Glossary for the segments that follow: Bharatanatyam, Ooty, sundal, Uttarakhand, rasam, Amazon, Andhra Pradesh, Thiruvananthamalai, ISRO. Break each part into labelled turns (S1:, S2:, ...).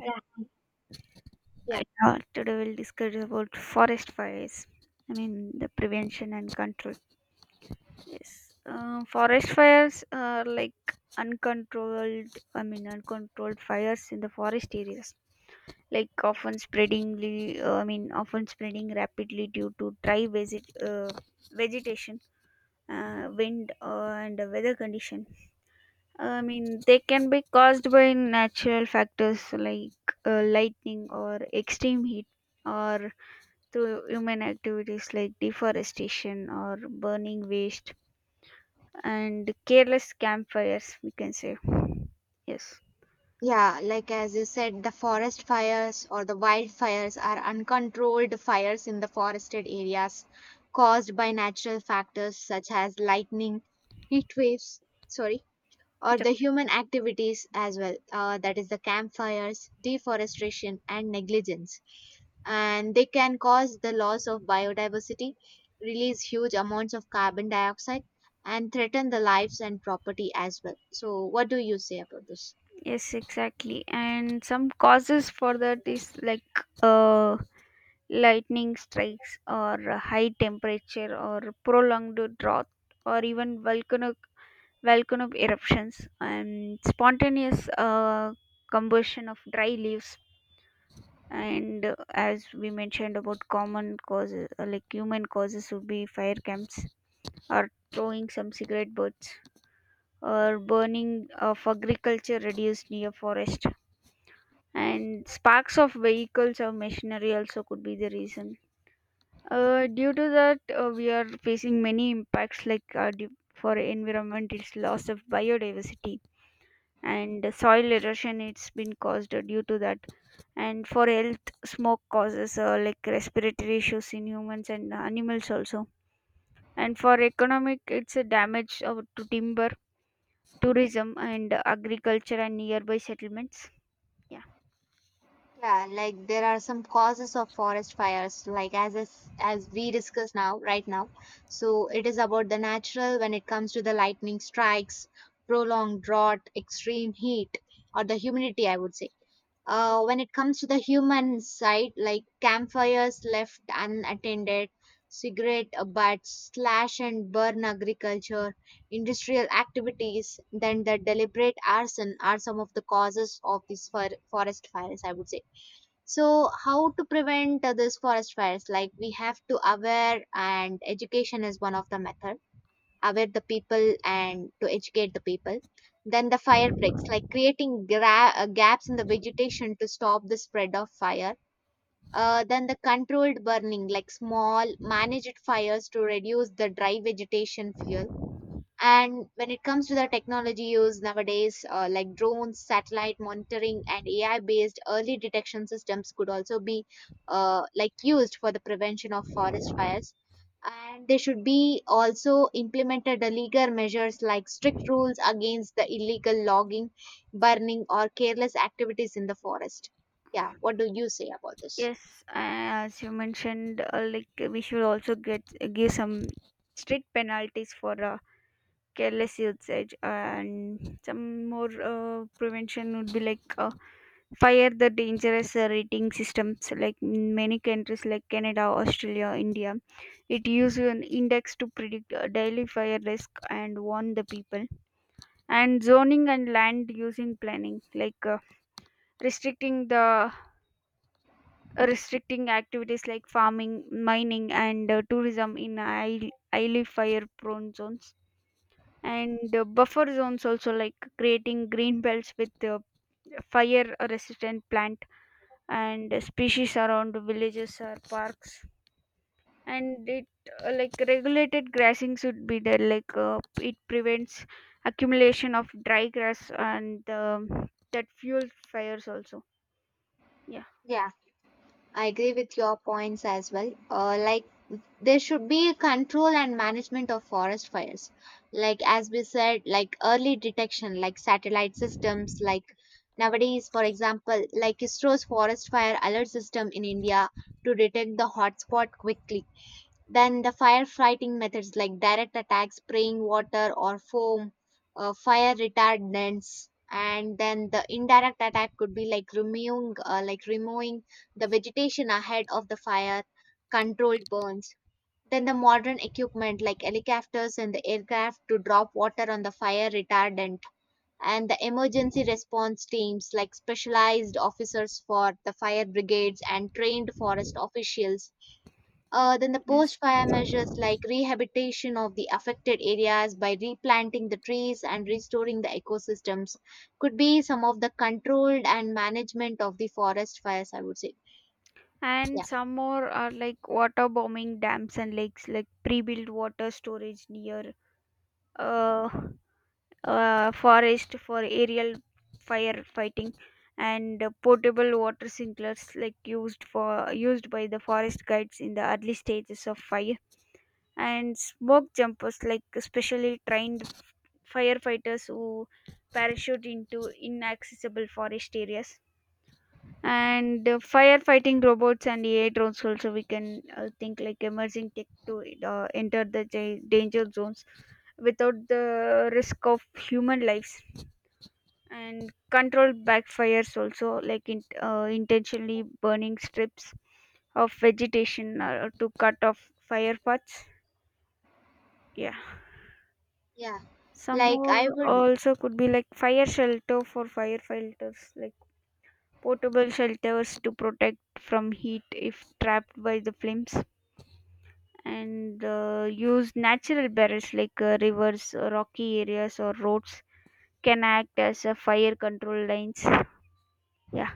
S1: I,
S2: Yeah, yeah,
S1: today we'll discuss about forest fires. I mean the prevention and control. Yes. Forest fires are like uncontrolled. I mean uncontrolled fires in the forest areas, like often spreadingly. I mean often spreading rapidly due to dry vegetation, wind, and the weather condition. I mean they can be caused by natural factors like lightning or extreme heat, or through human activities like deforestation or burning waste and careless campfires, we can say. Yes.
S2: yeah. Like as you said, the forest fires or the wildfires are uncontrolled fires in the forested areas caused by natural factors such as lightning, heat waves, sorry, or
S1: It's
S2: the
S1: okay.
S2: human activities as well. That is the campfires, deforestation, and negligence. And they can cause the loss of biodiversity, release huge amounts of carbon dioxide, and threaten the lives and property as well. So, what do you say about this?
S1: Yes, exactly. And some causes for that is like lightning strikes, or a high temperature, or prolonged drought, or even volcanic eruptions, and spontaneous combustion of dry leaves. And as we mentioned about common causes, like human causes would be fire camps, or throwing some cigarette butts, or burning of agriculture reduced near forest, and sparks of vehicles or machinery also could be the reason. Due to that, we are facing many impacts, like for environment it's loss of biodiversity and soil erosion it's been caused due to that. And for health, smoke causes like respiratory issues in humans and animals also. And for economic, it's a damage of, to timber, tourism and agriculture and nearby settlements, yeah.
S2: Yeah, like there are some causes of forest fires, like as we discuss now, right now. So it is about the natural when it comes to the lightning strikes, prolonged drought, extreme heat, or the humidity, I would say. When it comes to the human side, like campfires left unattended, cigarette butts, slash and burn agriculture, industrial activities, then the deliberate arson are some of the causes of these forest fires, I would say. So, how to prevent this forest fires? Like we have to aware, and education is one of the method. Aware the people and to educate the people. Then the fire breaks, like creating gaps in the vegetation to stop the spread of fire. Then the controlled burning, like small managed fires to reduce the dry vegetation fuel, and when it comes to the technology used nowadays, like drones, satellite monitoring, and AI based early detection systems could also be like used for the prevention of forest fires. And there should be also implemented the legal measures like strict rules against the illegal logging, burning, or careless activities in the forest. Yeah, what do you say about this?
S1: Yes, as you mentioned, like we should also get give some strict penalties for careless usage. And some more prevention would be like fire the dangerous rating systems, like in many countries like Canada, Australia, India, it uses an index to predict daily fire risk and warn the people. And zoning and land using planning, like restricting the uh, restricting activities like farming, mining, and tourism in highly fire prone zones. And buffer zones also, like creating green belts with fire resistant plants and species around villages or parks. And it uh, like regulated grassing should be there, like it prevents accumulation of dry grass, and that fuels fires also, yeah.
S2: Yeah, I agree with your points as well. Like there should be control and management of forest fires, like as we said, like early detection like satellite systems, like nowadays for example like isro's forest fire alert system in india to detect the hotspot quickly, then the firefighting methods like direct attacks spraying water or foam, fire retardants, and then the indirect attack could be like removing the vegetation ahead of the fire, controlled burns, then the modern equipment like helicopters and the aircraft to drop water on the fire retardant, and the emergency response teams like specialized officers for the fire brigades and trained forest officials. Then the
S1: Yes.
S2: post fire measures like rehabilitation of the affected areas by replanting the trees and restoring the ecosystems could be some of the controlled and management of the forest fires, I would say.
S1: And
S2: Yeah.
S1: some more are like water bombing, dams and lakes, like pre-built water storage near uh, forest for aerial firefighting. And portable water sprinklers, like used by the forest guides in the early stages of fire. And smoke jumpers, like specially trained firefighters who parachute into inaccessible forest areas. And firefighting robots and AI drones also, we can think, like emerging tech to enter the danger zones without the risk of human lives. And controlled backfires also, like intentionally burning strips of vegetation to cut off fire paths, yeah.
S2: Yeah.
S1: Some
S2: Like I
S1: more
S2: would
S1: also could be like fire shelter for firefighters, like portable shelters to protect from heat if trapped by the flames. And use natural barriers like rivers, rocky areas, or roads can act as fire control lines. Yeah.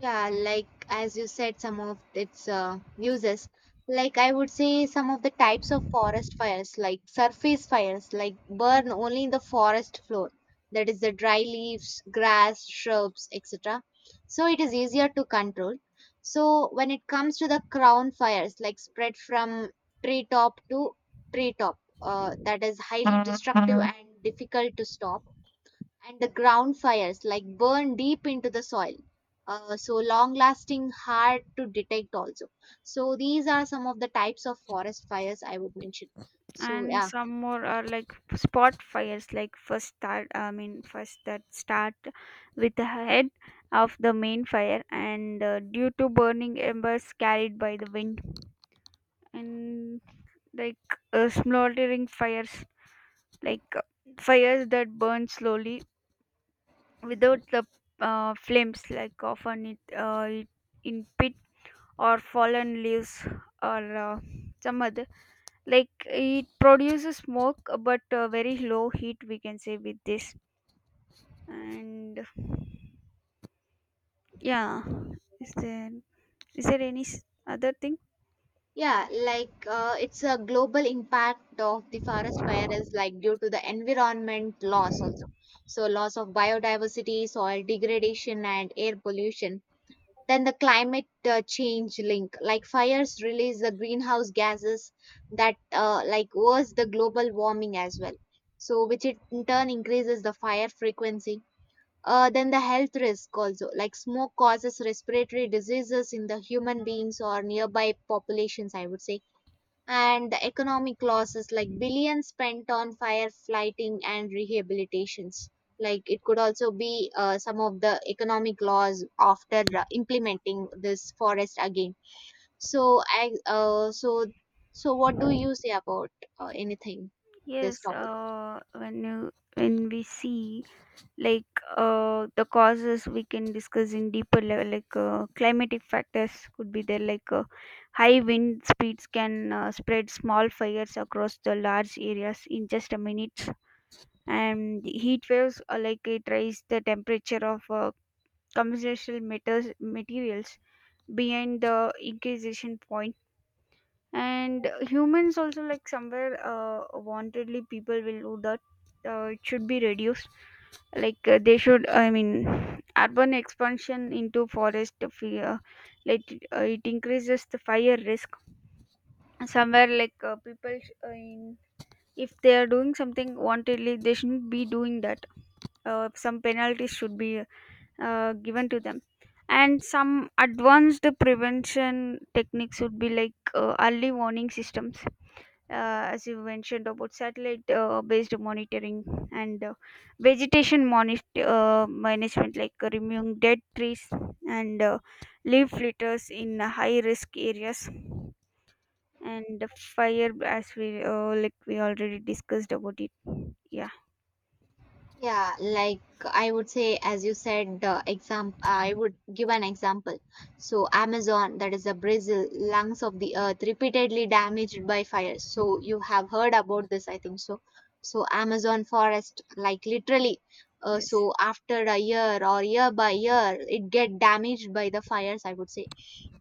S2: Yeah, like as you said, some of its uses. Like I would say, some of the types of forest fires, like surface fires, like burn only in the forest floor. That is the dry leaves, grass, shrubs, etc. So it is easier to control. So when it comes to the crown fires, like spread from treetop to treetop, that is highly destructive and difficult to stop, and the ground fires like burn deep into the soil, so long lasting, hard to detect also. So these are some of the types of forest fires I would mention. So
S1: And
S2: yeah.
S1: some more are like spot fires, like first that start with the head of the main fire, and due to burning embers carried by the wind. And like smoldering fires, like fires that burn slowly without the flames, like often it in pit, or fallen leaves, or some other, like it produces smoke but very low heat, we can say with this. And yeah, is there is there any other thing?
S2: Yeah, like it's a global impact of the forest fire is like due to the environment loss also. So loss of biodiversity, soil degradation, and air pollution. Then the climate change link, like fires release the greenhouse gases that like worse the global warming as well. So which it in turn increases the fire frequency. Then the health risk also, like smoke causes respiratory diseases in the human beings or nearby populations, I would say, and the economic losses like billions spent on firefighting and rehabilitations, like it could also be some of the economic laws after implementing this forest again. So i uh, so so what do you say about anything
S1: Yes.
S2: this topic?
S1: Uh when you when we see, like the causes we can discuss in deeper level, like climatic factors could be there, like high wind speeds can spread small fires across the large areas in just a minute. And the heat waves are, like it raise the temperature of commercial materials behind the incubation point. And humans also, like somewhere wantedly people will do that. It should be reduced, like they should I mean urban expansion into forest fear, like it increases the fire risk somewhere, like people sh- in if they are doing something wantedly, they shouldn't be doing that. Some penalties should be given to them. And some advanced prevention techniques would be, like early warning systems. As you mentioned about satellite based monitoring, and management, like removing dead trees and leaf litters in high risk areas. And the fire, as we already discussed about it, yeah.
S2: Yeah, like I would say, as you said, the example, I would give an example. So Amazon, that is the Brazil, lungs of the earth, repeatedly damaged by fires. So you have heard about this, I think so. So Amazon forest, like literally,
S1: Yes.
S2: so after a year or year by year, it get damaged by the fires, I would say,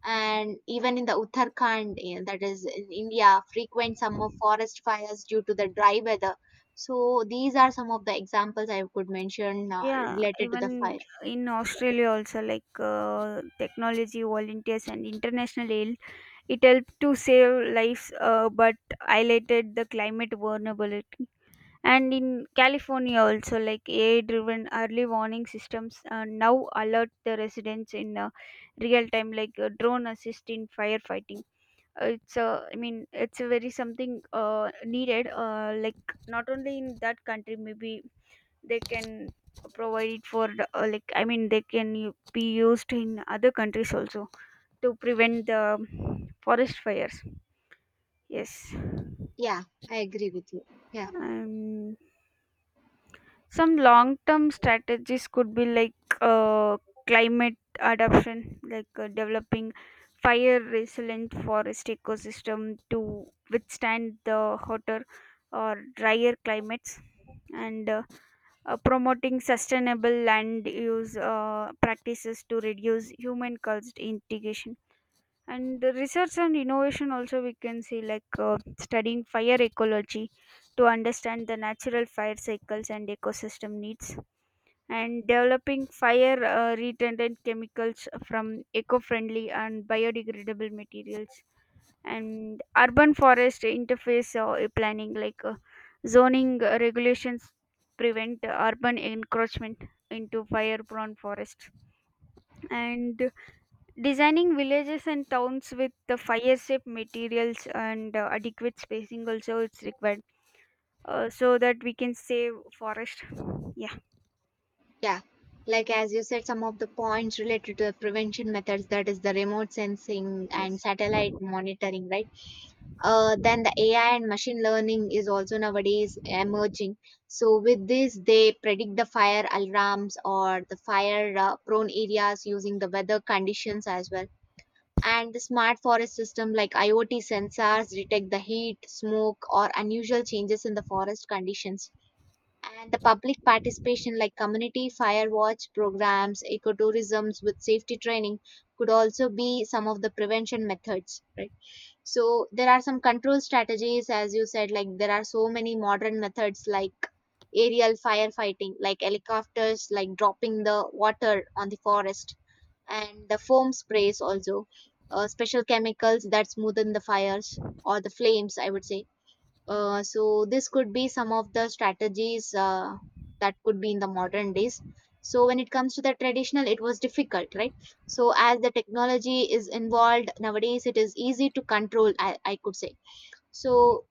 S2: and even in the Uttarakhand, eh, that is in India, frequent some of forest fires due to the dry weather. So these are some of the examples I could mention
S1: Yeah.
S2: related to the
S1: Even
S2: fire.
S1: in Australia also, like technology volunteers and international aid, it helped to save lives, but highlighted the climate vulnerability. And in California also, like AI-driven early warning systems now alert the residents in real time, like drone assist in firefighting. It's a very something needed. Like, not only in that country, maybe they can provide it for like, I mean, they can be used in other countries also, to prevent the forest fires. Yes.
S2: Yeah, I agree with you. Yeah,
S1: Um, Some long term strategies could be, like uh, climate adaptation, like developing fire resilient forest ecosystem to withstand the hotter or drier climates. And promoting sustainable land use practices to reduce human caused integration. And the research and innovation also, we can see, like studying fire ecology to understand the natural fire cycles and ecosystem needs. And developing fire retardant chemicals from eco-friendly and biodegradable materials. And urban forest interface planning, like zoning regulations prevent urban encroachment into fire prone forests. And designing villages and towns with the fire safe materials, and adequate spacing also, it's required, so that we can save forest. Yeah,
S2: yeah. Like as you said, some of the points related to the prevention methods, that is the remote sensing and
S1: yes.
S2: satellite monitoring, right? Then the AI and machine learning is also nowadays emerging. So with this, they predict the fire alarms or the fire prone areas using the weather conditions as well. And the smart forest system like IoT sensors detect the heat, smoke, or unusual changes in the forest conditions. And the public participation like community fire watch programs, ecotourisms with safety training could also be some of the prevention methods, right? So there are some control strategies as you said, like there are so many modern methods like aerial firefighting like helicopters like dropping the water on the forest and the foam sprays also. Uh, special chemicals that smoothen the fires or the flames, I would say. Uh, so this could be some of the strategies that could be in the modern days. So when it comes to the traditional, it was difficult, right? So as the technology is involved nowadays, it is easy to control, I could say. Yeah. So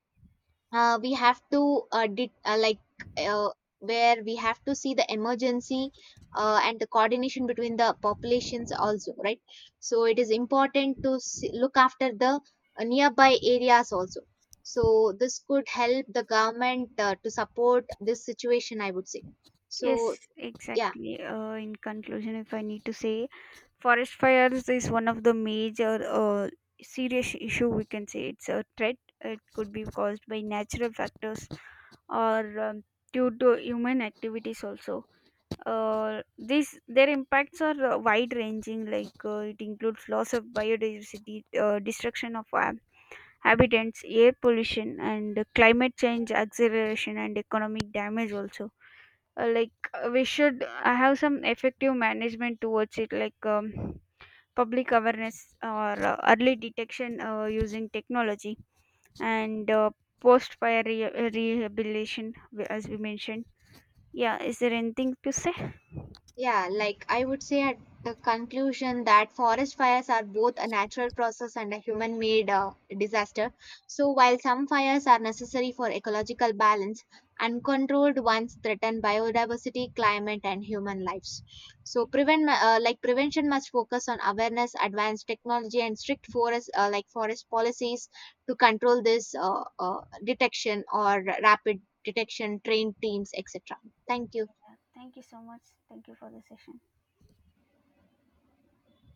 S2: we have to did, like uh, where we have to see the emergency and the coordination between the populations also, right? So it is important to see, look after the nearby areas also. So this could help the government to support this situation, I would say.
S1: Yes,
S2: So yeah.
S1: exactly. In conclusion, if I need to say, forest fires is one of the major serious issue, we can say it's a threat. It could be caused by natural factors, or due to human activities also. Uh, these their impacts are wide ranging, like it includes loss of biodiversity, destruction of habitats, air pollution, and climate change acceleration, and economic damage also. Like we should have some effective management towards it, like public awareness, or early detection using technology, and post fire rehabilitation, as we mentioned. Yeah. Is there anything to say?
S2: Yeah, like I would say at the conclusion that forest fires are both a natural process and a human made disaster. So, while some fires are necessary for ecological balance, uncontrolled ones threaten biodiversity, climate, and human lives. So, prevention must focus on awareness, advanced technology, and strict forest policies to control this detection or rapid detection, trained teams, etc. Thank you.
S1: Thank you so much. Thank you for the session.